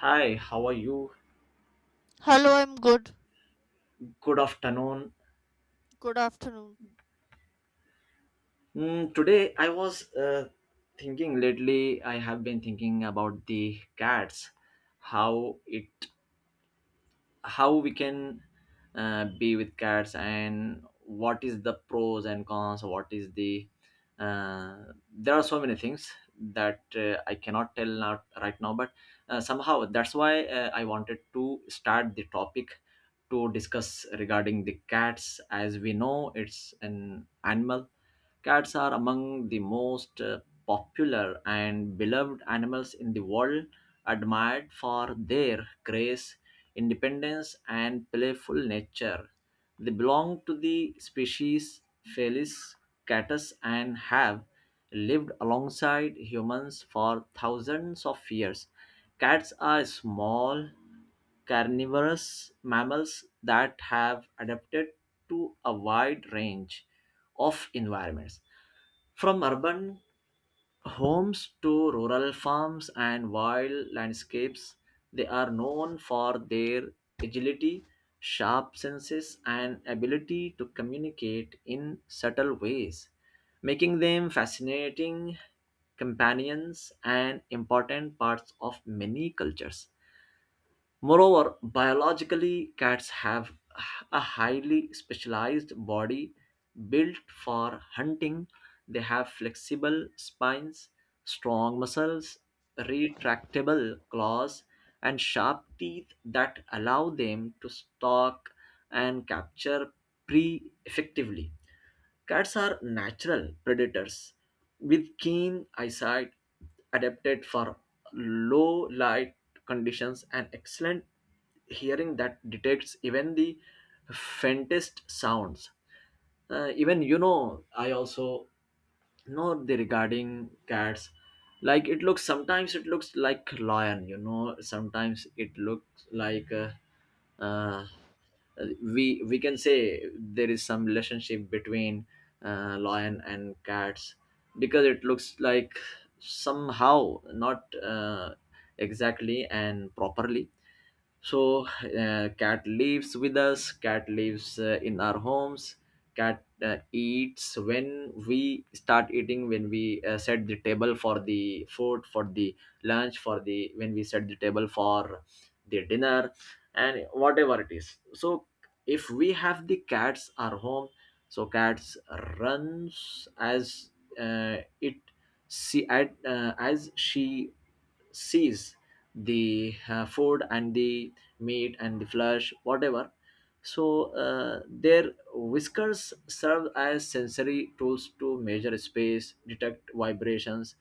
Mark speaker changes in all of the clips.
Speaker 1: Hi, how are you?
Speaker 2: Hello, I'm good.
Speaker 1: Good afternoon.
Speaker 2: Good afternoon.
Speaker 1: Today I was thinking lately. I have been thinking about the cats, how it how we can be with cats, and what is the pros and cons, what is the uh, there are so many things that I cannot tell now right now, but somehow that's why I wanted to start the topic to discuss regarding the cats. As we know, it's an animal. Cats are among the most popular and beloved animals in the world, admired for their grace, independence, and playful nature. They belong to the species Felis catus and have lived alongside humans for thousands of years. Cats are small, carnivorous mammals that have adapted to a wide range of environments, from urban homes to rural farms and wild landscapes. They are known for their agility, sharp senses, and ability to communicate in subtle ways, making them fascinating companions and important parts of many cultures. Moreover, biologically, cats have a highly specialized body built for hunting. They have flexible spines, strong muscles, retractable claws, and sharp teeth that allow them to stalk and capture prey effectively. Cats are natural predators with keen eyesight, adapted for low light conditions, and excellent hearing that detects even the faintest sounds. Even you know, I also know the regarding cats. Like it looks, sometimes it looks like lion, you know. Sometimes it looks like. Uh, we can say there is some relationship between lion and cats, because it looks like somehow not exactly and properly. So cat lives with us, cat lives in our homes. Cat eats when we start eating, when we set the table for the food, for the lunch, for the when we set the table for the dinner and whatever it is. So if we have the cats our home, so cats runs as it see, at, as she sees the food and the meat and the flesh, whatever. So their whiskers serve as sensory tools to measure space, detect vibrations,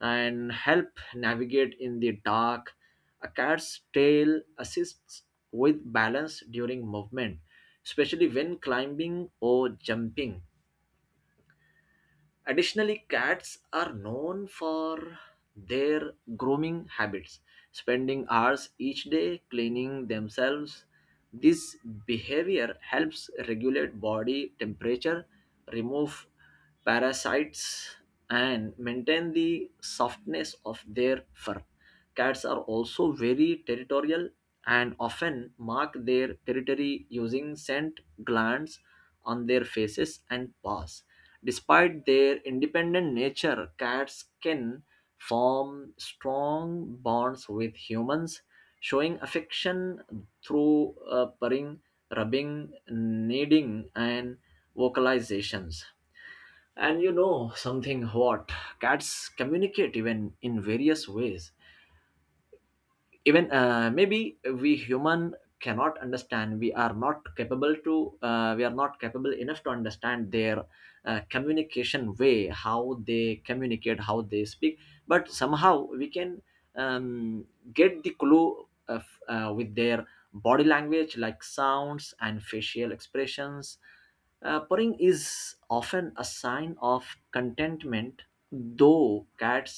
Speaker 1: and help navigate in the dark. A cat's tail assists with balance during movement, especially when climbing or jumping. Additionally, cats are known for their grooming habits, spending hours each day cleaning themselves. This behavior helps regulate body temperature, remove parasites, and maintain the softness of their fur. Cats are also very territorial and often mark their territory using scent glands on their faces and paws. Despite their independent nature, cats can form strong bonds with humans, showing affection through purring, rubbing, kneading, and vocalizations. And you know something what? Cats communicate even in various ways, even maybe we human cannot understand, we are not capable to we are not capable enough to understand their communication way, how they communicate, how they speak. But somehow we can um, get the clue of, with their body language, like sounds and facial expressions. Purring is often a sign of contentment, though cats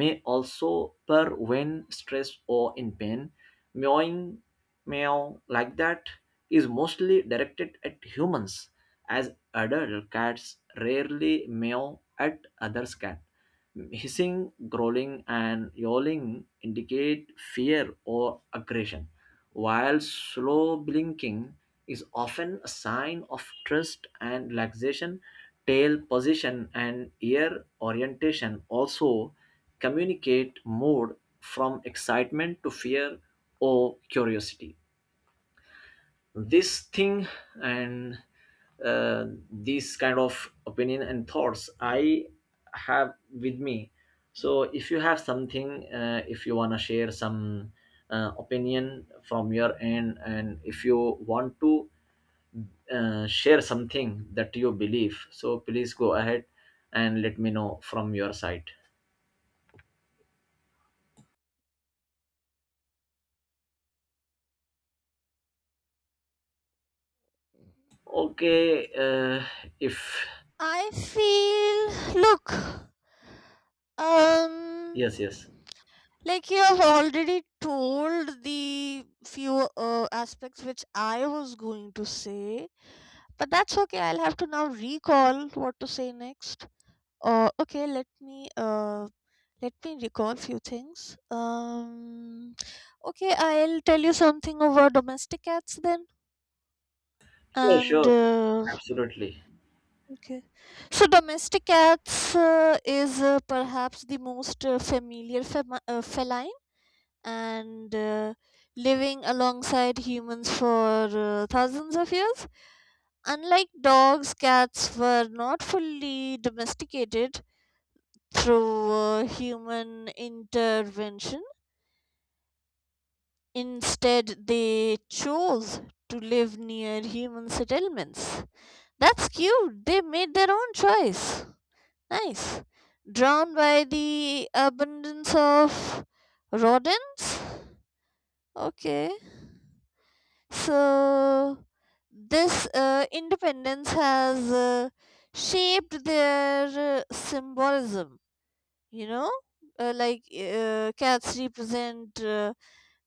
Speaker 1: may also purr when stressed or in pain. Meowing, meow like that, is mostly directed at humans, as adult cats rarely meow at other cats. Hissing, growling, and yowling indicate fear or aggression, while slow blinking is often a sign of trust and relaxation. Tail position and ear orientation also communicate mood, from excitement to fear or curiosity. This thing and uh, these kind of opinion and thoughts I have with me. So if you have something, if you want to share some opinion from your end, and if you want to share something that you believe, so please go ahead and let me know from your side. Okay, if
Speaker 2: I feel, look, um,
Speaker 1: yes, yes.
Speaker 2: like you have already told the few aspects which I was going to say, but that's okay. I'll have to now recall what to say next. Okay, let me recall few things. Okay, I'll tell you something over domestic cats then,
Speaker 1: Sure,
Speaker 2: and.
Speaker 1: sure, absolutely.
Speaker 2: Okay. So domestic cats is perhaps the most familiar feline and living alongside humans for thousands of years. Unlike dogs, cats were not fully domesticated through human intervention. Instead, they chose to live near human settlements. That's cute. They made their own choice. Nice. Drawn by the abundance of rodents? Okay. So, this independence has shaped their symbolism, you know? Like cats represent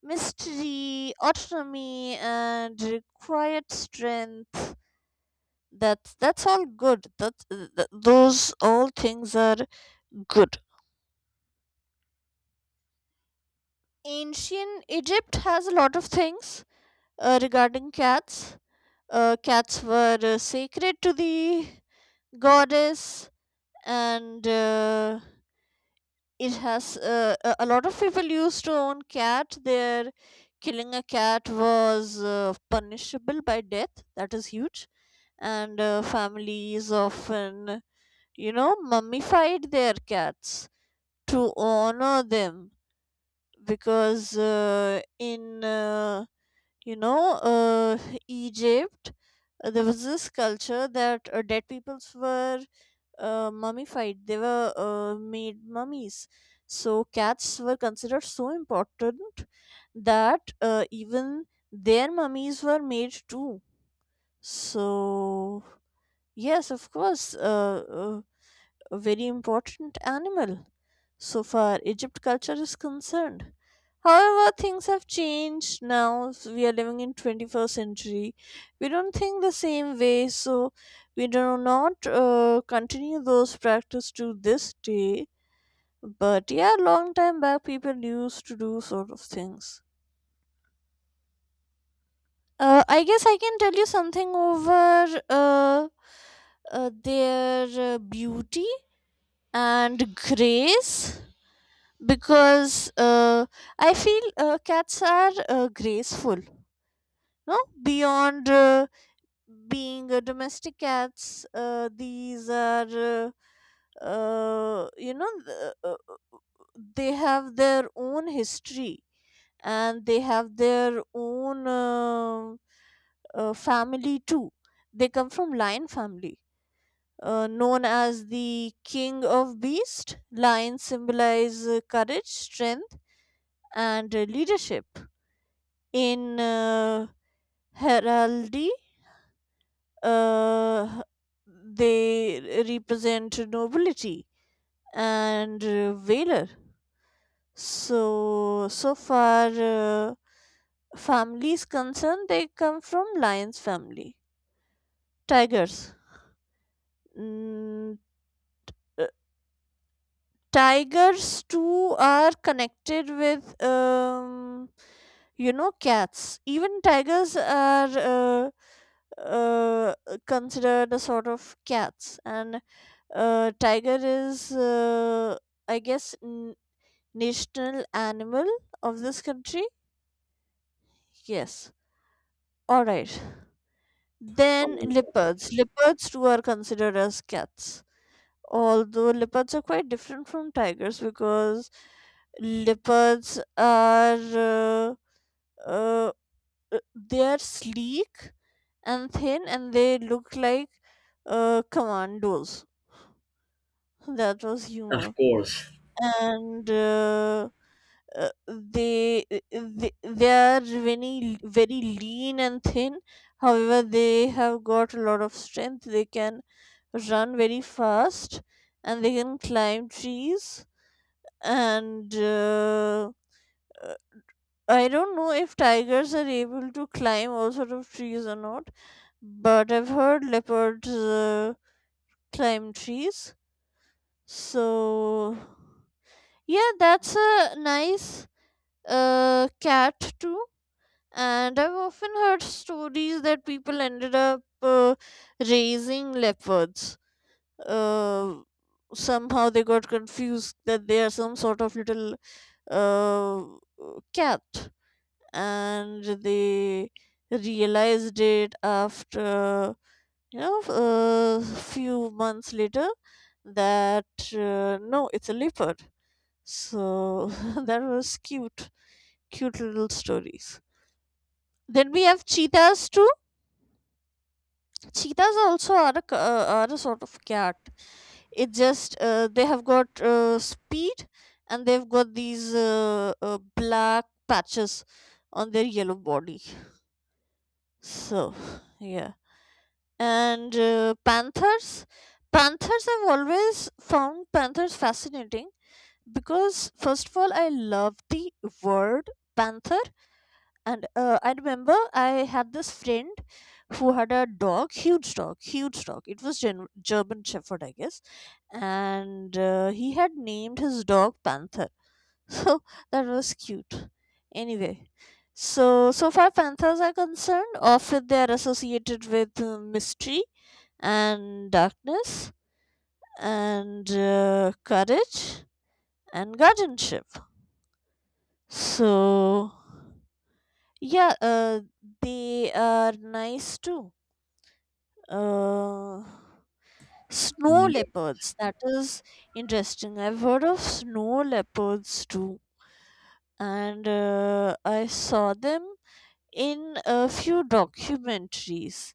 Speaker 2: mystery, autonomy, and quiet strength. That's all good. That, those all things are good. Ancient Egypt has a lot of things regarding cats. Cats were sacred to the goddess, and it has a lot of people used to own cat. There, killing a cat was punishable by death. That is huge, and families often, you know, mummified their cats to honor them because in you know Egypt, there was this culture that dead peoples were mummified, they were made mummies, so cats were considered so important that even their mummies were made too. So yes, of course, a very important animal so far Egypt culture is concerned. However, things have changed now. We are living in 21st century. We don't think the same way, so we do not continue those practice to this day. But yeah, long time back, people used to do sort of things. I guess I can tell you something over their beauty and grace because I feel cats are graceful. No, beyond being domestic cats, these are you know they have their own history and they have their own family too. They come from lion family. Known as the king of beast, lions symbolize courage, strength, and leadership in heraldry, uh, they represent nobility and valor. So so far family is concerned, they come from lions family. Tigers, mm, tigers too are connected with you know, cats. Even tigers are uh, considered a sort of cats. And tiger is I guess, national animal of this country. Yes, all right. Then
Speaker 1: Um,
Speaker 2: leopards, leopards too are considered as cats, although leopards are quite different from tigers because leopards are uh, uh, they are sleek and thin and they look like commandos. That was
Speaker 1: of
Speaker 2: humor.
Speaker 1: course.
Speaker 2: And they are very very lean and thin. However, they have got a lot of strength, they can run very fast and they can climb trees. And uh, I don't know if tigers are able to climb all sort of trees or not, but I've heard leopards climb trees. So yeah, that's a nice cat too. And I've often heard stories that people ended up raising leopards. Uh, somehow they got confused that they are some sort of little uh, cat, and they realized it after, you know, a few months later that no, it's a leopard. So that was cute, cute little stories. Then we have cheetahs too. Cheetahs also are a, are a sort of cat. It just they have got speed and they've got these black patches on their yellow body. So yeah, and panthers. I've always found panthers fascinating because first of all I love the word panther. And I remember I had this friend who had a dog, huge dog, huge dog. It was German shepherd I guess, and he had named his dog Panther. So that was cute. Anyway, so so far panthers are concerned, often they are associated with mystery and darkness and courage and guardianship. So yeah, they are nice too. Uh, snow leopards, that is interesting. I've heard of snow leopards too, and I saw them in a few documentaries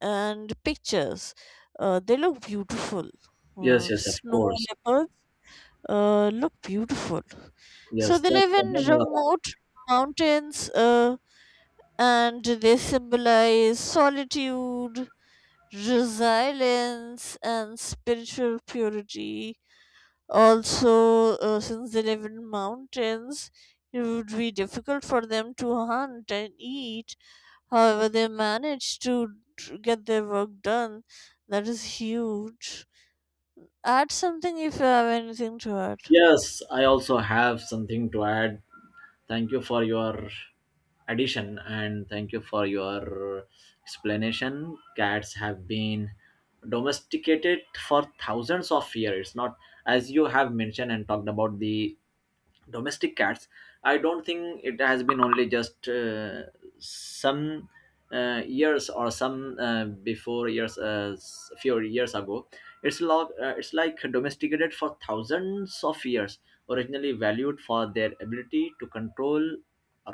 Speaker 2: and pictures. They look beautiful.
Speaker 1: Yes, yes, of
Speaker 2: Snow
Speaker 1: course.
Speaker 2: leopards look beautiful. So
Speaker 1: Yes,
Speaker 2: they
Speaker 1: that's
Speaker 2: live
Speaker 1: the one
Speaker 2: in
Speaker 1: you are-
Speaker 2: remote mountains. And they symbolize solitude, resilience, and spiritual purity. Also, since they live in mountains, it would be difficult for them to hunt and eat. However, they manage to get their work done. That is huge. Add something if you have anything to add.
Speaker 1: Yes, I also have something to add. Thank you for your addition and thank you for your explanation. Cats have been domesticated for thousands of years. Not as you have mentioned and talked about the domestic cats, I don't think it has been only just some years or some before years few years ago. It's it's like domesticated for thousands of years, originally valued for their ability to control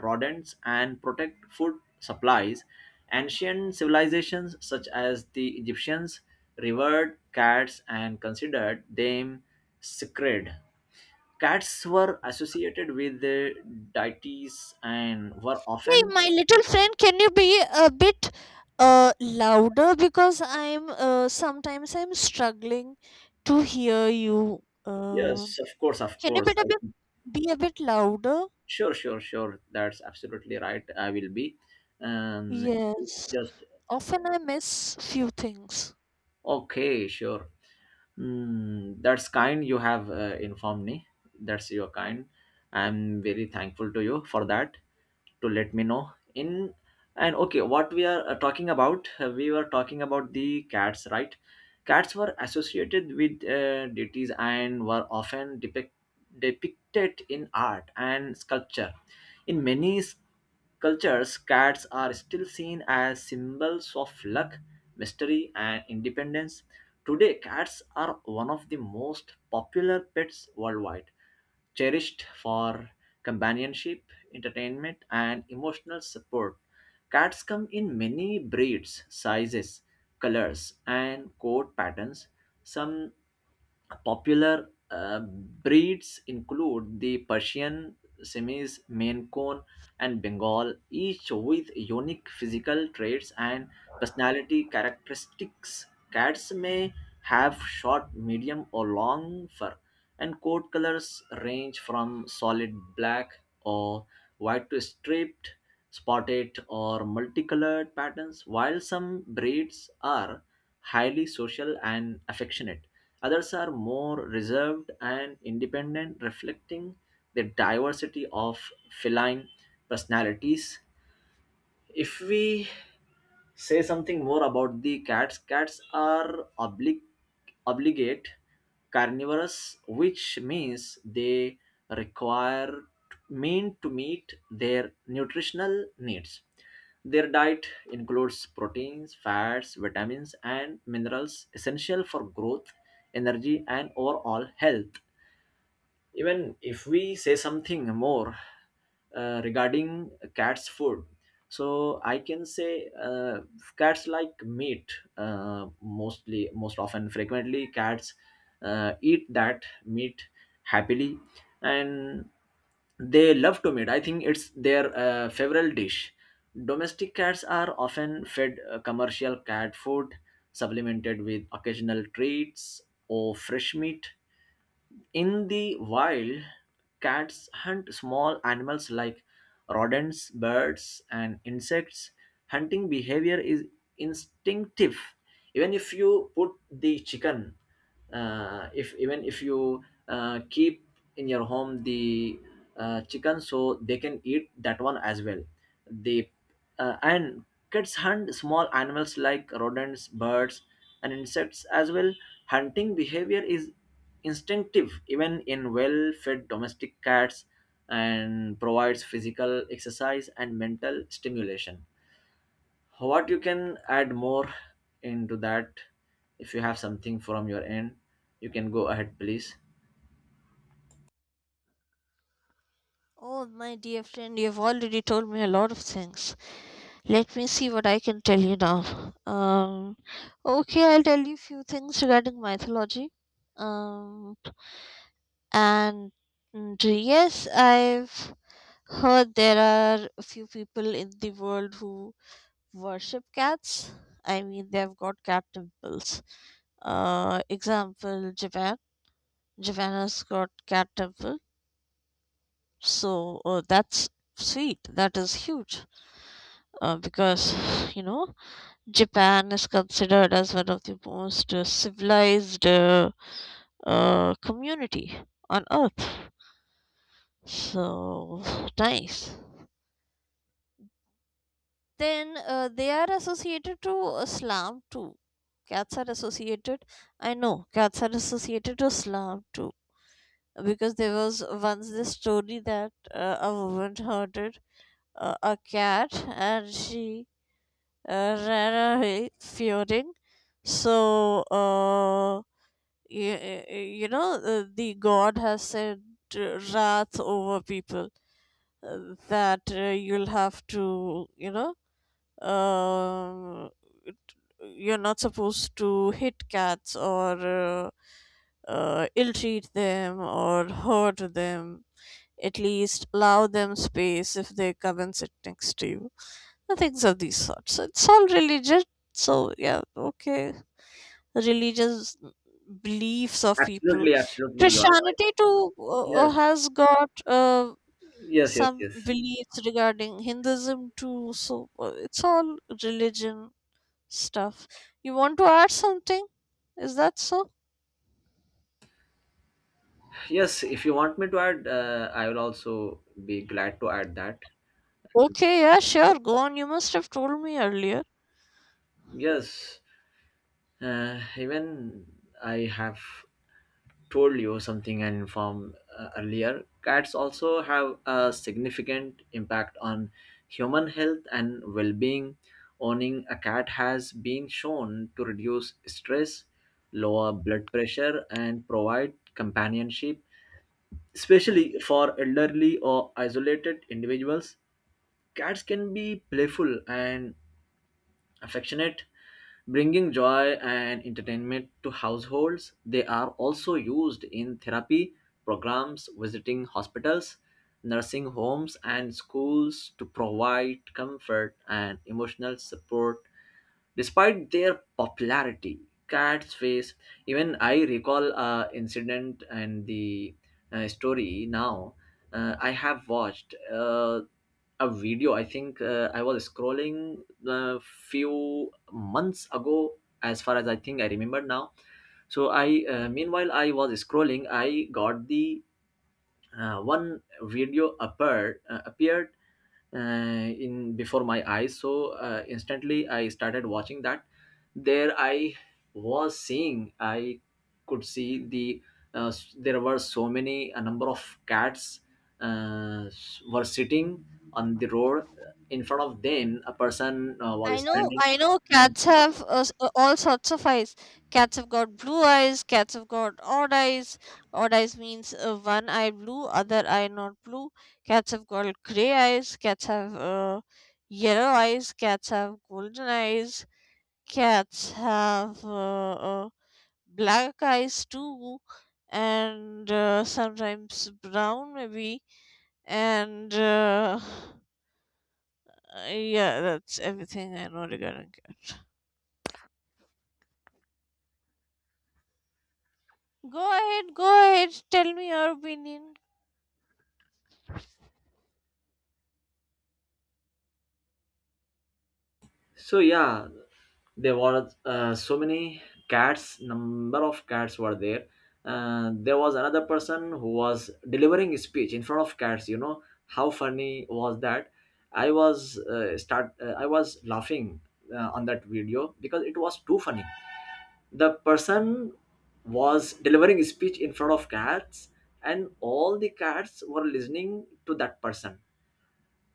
Speaker 1: rodents and protect food supplies. Ancient civilizations such as the Egyptians revered cats and considered them sacred. Cats were associated with the deities and were
Speaker 2: Hey,
Speaker 1: often.
Speaker 2: my little friend, can you be a bit louder, because I'm sometimes I'm struggling to hear you.
Speaker 1: Yes, of course, of
Speaker 2: Can you be
Speaker 1: course.
Speaker 2: a
Speaker 1: I
Speaker 2: bit
Speaker 1: think.
Speaker 2: louder?
Speaker 1: Sure, sure, sure. That's absolutely right. I will be. Um,
Speaker 2: Yes.
Speaker 1: just
Speaker 2: Often I miss few things.
Speaker 1: okay, sure. That's kind you have informed me. That's your kind. I'm very thankful to you for that, to let me know in. And okay, what we are talking about, we were talking about the cats, right? Cats were associated with deities and were often depicted in art and sculpture. In many cultures, cats are still seen as symbols of luck, mystery, and independence. Today cats are one of the most popular pets worldwide, cherished for companionship, entertainment, and emotional support. Cats come in many breeds, sizes, colors, and coat patterns. Some popular breeds include the Persian, Siamese, Maine Coon, and Bengal, each with unique physical traits and personality characteristics. Cats may have short, medium, or long fur, and coat colors range from solid black or white to striped, spotted, or multicolored patterns. While some breeds are highly social and affectionate, others are more reserved and independent, reflecting the diversity of feline personalities. If we say something more about the cats. Cats are obligate carnivorous, which means they require mean to meet their nutritional needs. Their diet includes proteins, fats, vitamins, and minerals essential for growth, energy, and overall health. Even if we say something more regarding cats food, so I can say cats like meat. Mostly, most often, frequently, cats eat that meat happily, and they love to meat. I think it's their favorite dish. Domestic cats are often fed commercial cat food supplemented with occasional treats or fresh meat. In the wild, cats hunt small animals like rodents, birds, and insects. Hunting behavior is instinctive. Even if you put the chicken, if even if you keep in your home the chicken, so they can eat that one as well. The and cats hunt small animals like rodents, birds, and insects as well. Hunting behavior is instinctive even in well fed domestic cats, and provides physical exercise and mental stimulation. What you can add more into that? If you have something from your end, you can go ahead, please.
Speaker 2: Oh, my dear friend, you've already told me a lot of things. Let me see what I can tell you now. Okay, I'll tell you few things regarding mythology. Um, And yes, I've heard there are a few people in the world who worship cats. I mean, they've got cat temples. Example, Japan. Japan has got cat temple. So that's sweet. That is huge. Because, you know, Japan is considered as one of the most civilized community on earth. So nice. Then they are associated to Islam too. Cats are associated. I know cats are associated to Islam too, because there was once this story that a woman herded a cat and she ran away fearing. So you, you know the God has said wrath over people that you'll have to, you know, uh, it- you're not supposed to hit cats or ill treat them or hurt them. At least allow them space if they come and sit next to you. And things of these sorts. So it's all religious. So, yeah, okay. Religious beliefs of people.
Speaker 1: Absolutely, absolutely, you are right.
Speaker 2: Christianity too
Speaker 1: Yes,
Speaker 2: has got
Speaker 1: yes, yes,
Speaker 2: some
Speaker 1: yes.
Speaker 2: beliefs, regarding Hinduism too. So, it's all religion stuff. You want to add something? Is that so?
Speaker 1: Yes, if you want me to add, I will also be glad to add that.
Speaker 2: Okay, yeah, sure, go on. You must have told me earlier.
Speaker 1: Yes, even I have told you something and informed earlier, cats also have a significant impact on human health and well being. Owning a cat has been shown to reduce stress, lower blood pressure, and provide companionship. Especially for elderly or isolated individuals, cats can be playful and affectionate, bringing joy and entertainment to households. They are also used in therapy programs, visiting hospitals, nursing homes, and schools to provide comfort and emotional support. Despite their popularity, cats face, even I recall a incident and the story now. I have watched a video. I think I was scrolling a few months ago, as far as I think I remember now. So I, meanwhile, I was scrolling. I got the one video appeared in before my eyes, so instantly I started watching that. There I was seeing, I could see the there were so many a number of cats were sitting on the road. In front of them, a person was standing.
Speaker 2: I know, cats have all sorts of eyes. Cats have got blue eyes, cats have got odd eyes. Odd eyes means one eye blue, other eye not blue. Cats have got grey eyes, cats have yellow eyes, cats have golden eyes, cats have black eyes too, and sometimes brown maybe. And yeah, that's everything I know regarding cat. Go ahead, go ahead, tell me your opinion.
Speaker 1: So yeah, there were so many cats, number of cats were there. There was another person who was delivering a speech in front of cats. You know how funny was that? I was start I was laughing on that video, because it was too funny. The person was delivering a speech in front of cats, and all the cats were listening to that person.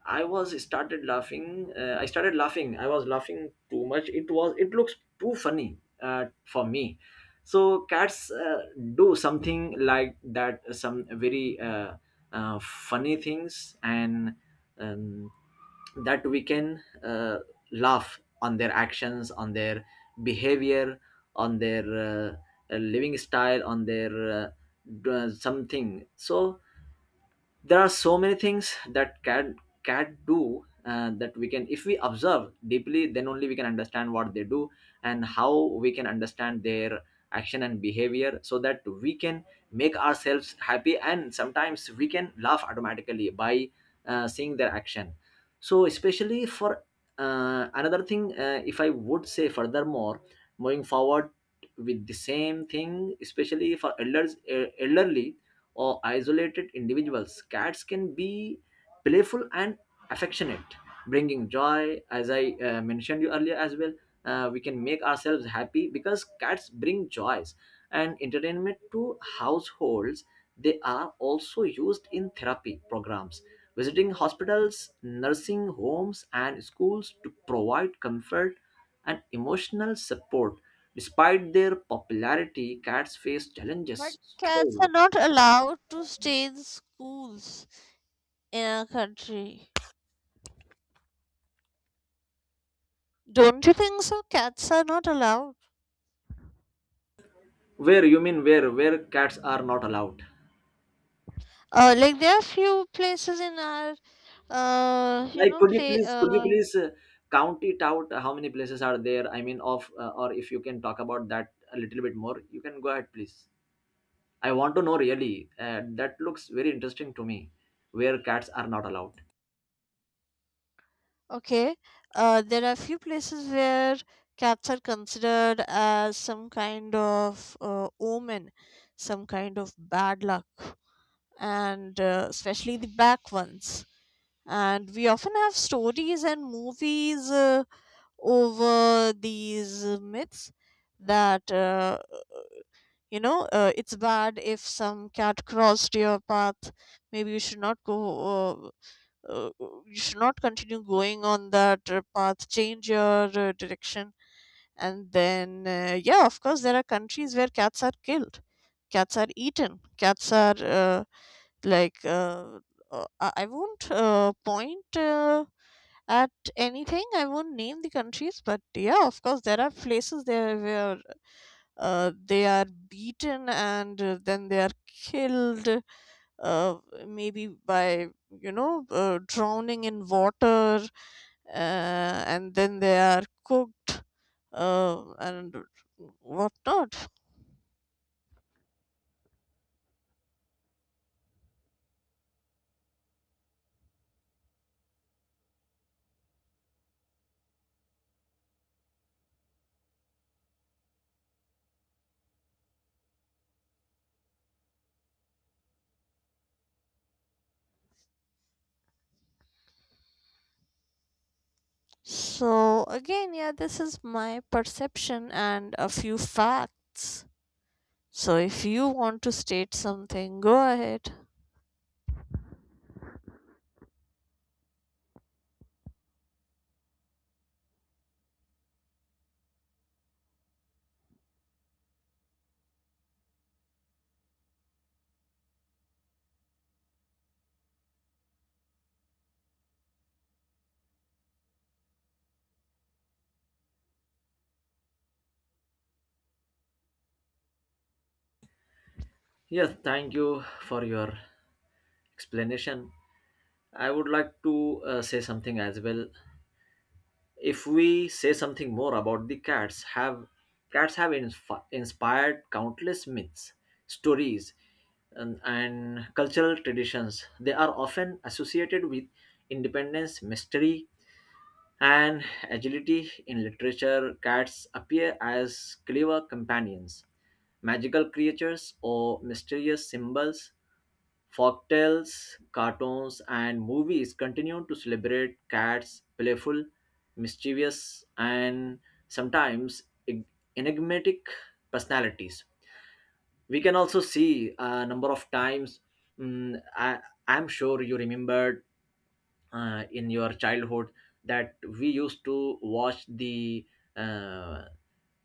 Speaker 1: I was started laughing. I started laughing. I was laughing too much. It was. It looks too funny for me. So cats do something like that. Some very funny things, and um, that we can laugh on their actions, on their behavior, on their living style, on their something. So there are so many things that cat do, that we can, if we observe deeply, then only we can understand what they do and how we can understand their action and behavior, so that we can make ourselves happy, and sometimes we can laugh automatically by seeing their action. So especially for another thing, if I would say, furthermore, moving forward with the same thing, especially for elders, elderly or isolated individuals, cats can be playful and affectionate, bringing joy. As I mentioned you earlier as well, we can make ourselves happy because cats bring joys and entertainment to households. They are also used in therapy programs, visiting hospitals, nursing homes, and schools to provide comfort and emotional support. Despite their popularity, cats face
Speaker 2: But
Speaker 1: challenges,
Speaker 2: cats
Speaker 1: stress.
Speaker 2: are not allowed to stay in schools in our country. Don't you think so? Cats are not allowed.
Speaker 1: Where you mean, where cats are not allowed?
Speaker 2: Like there are few places in our you
Speaker 1: Like,
Speaker 2: know,
Speaker 1: could you
Speaker 2: play
Speaker 1: please could you please count it out? How many places are there? I mean, of or if you can talk about that a little bit more, you can go ahead, please. I want to know really. That looks very interesting to me. Where cats are not allowed.
Speaker 2: okay, there are few places where cats are considered as some kind of omen, some kind of bad luck, and especially the back ones. And we often have stories and movies over these myths that, you know, it's bad if some cat crossed your path. Maybe you should not go you should not continue going on that path, change your direction. And then yeah, of course, there are countries where cats are killed, cats are eaten, cats are like uh, I won't point at anything, I won't name the countries. But yeah, of course, there are places there where they are beaten, and then they are killed, uh, maybe by, you know, drowning in water, and then they are cooked, and whatnot. So, again, yeah, this is my perception and a few facts. So, if you want to state something, go ahead.
Speaker 1: Yes, thank you for your explanation. I would like to say something as well. If we say something more about the cats have inspired countless myths, stories, and cultural traditions. They are often associated with independence, mystery, and agility. In literature, cats appear as clever companions, magical creatures, or mysterious symbols. Folktales, cartoons, and movies continue to celebrate cats' playful, mischievous, and sometimes enigmatic personalities. We can also see a number of times, mm, I, I'm sure you remembered in your childhood, that we used to watch the uh,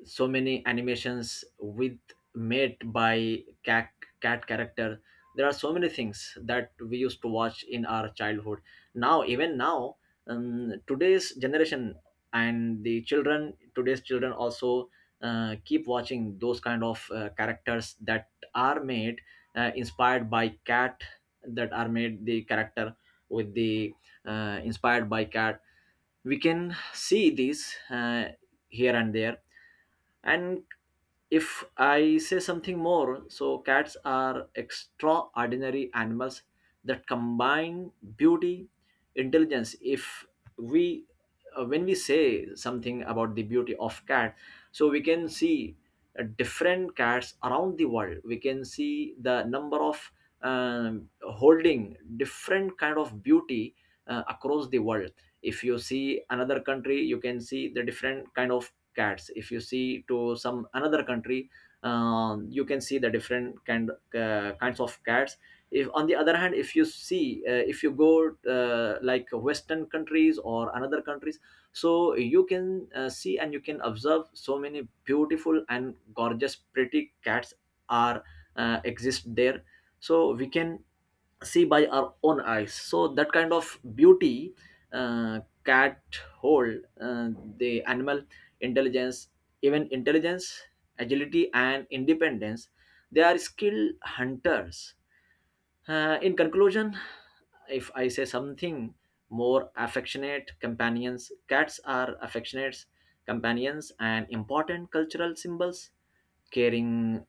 Speaker 1: so many animations with, made by cat character. There are so many things that we used to watch in our childhood. Now, even now, today's generation and the children today's children also keep watching those kind of characters that are made, inspired by cat, that are made, the character with the, inspired by cat. We can see these here and there. And if I say something more, so cats are extraordinary animals that combine beauty, intelligence. If we when we say something about the beauty of cat, so we can see different cats around the world. We can see the number of, holding different kind of beauty across the world. If you see another country, you can see the different kind of cats. If you see to some another country, you can see the different kinds of cats. If, on the other hand, if you see, if you go, like western countries or another countries, so you can see and you can observe so many beautiful and gorgeous pretty cats are exist there. So we can see by our own eyes so that kind of beauty, uh, cat hold, uh, the animal intelligence, even intelligence, agility and independence. They are skilled hunters. Uh, in conclusion, if I say something more, affectionate companions, cats are affectionate companions and important cultural symbols. Caring,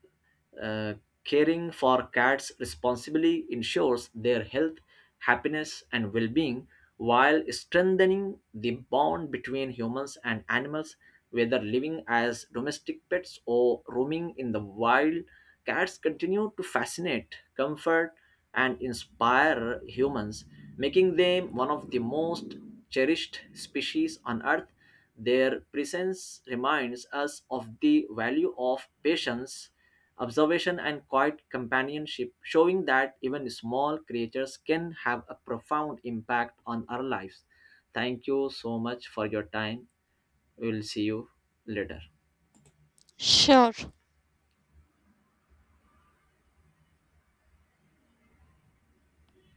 Speaker 1: uh, caring for cats responsibly ensures their health, happiness, and well-being, while strengthening the bond between humans and animals, whether living as domestic pets or roaming in the wild. Cats continue to fascinate, comfort, and inspire humans, making them one of the most cherished species on Earth. Their presence reminds us of the value of patience, observation, and quiet companionship, showing that even small creatures can have a profound impact on our lives. Thank you so much for your time. We will see you later.
Speaker 2: Sure.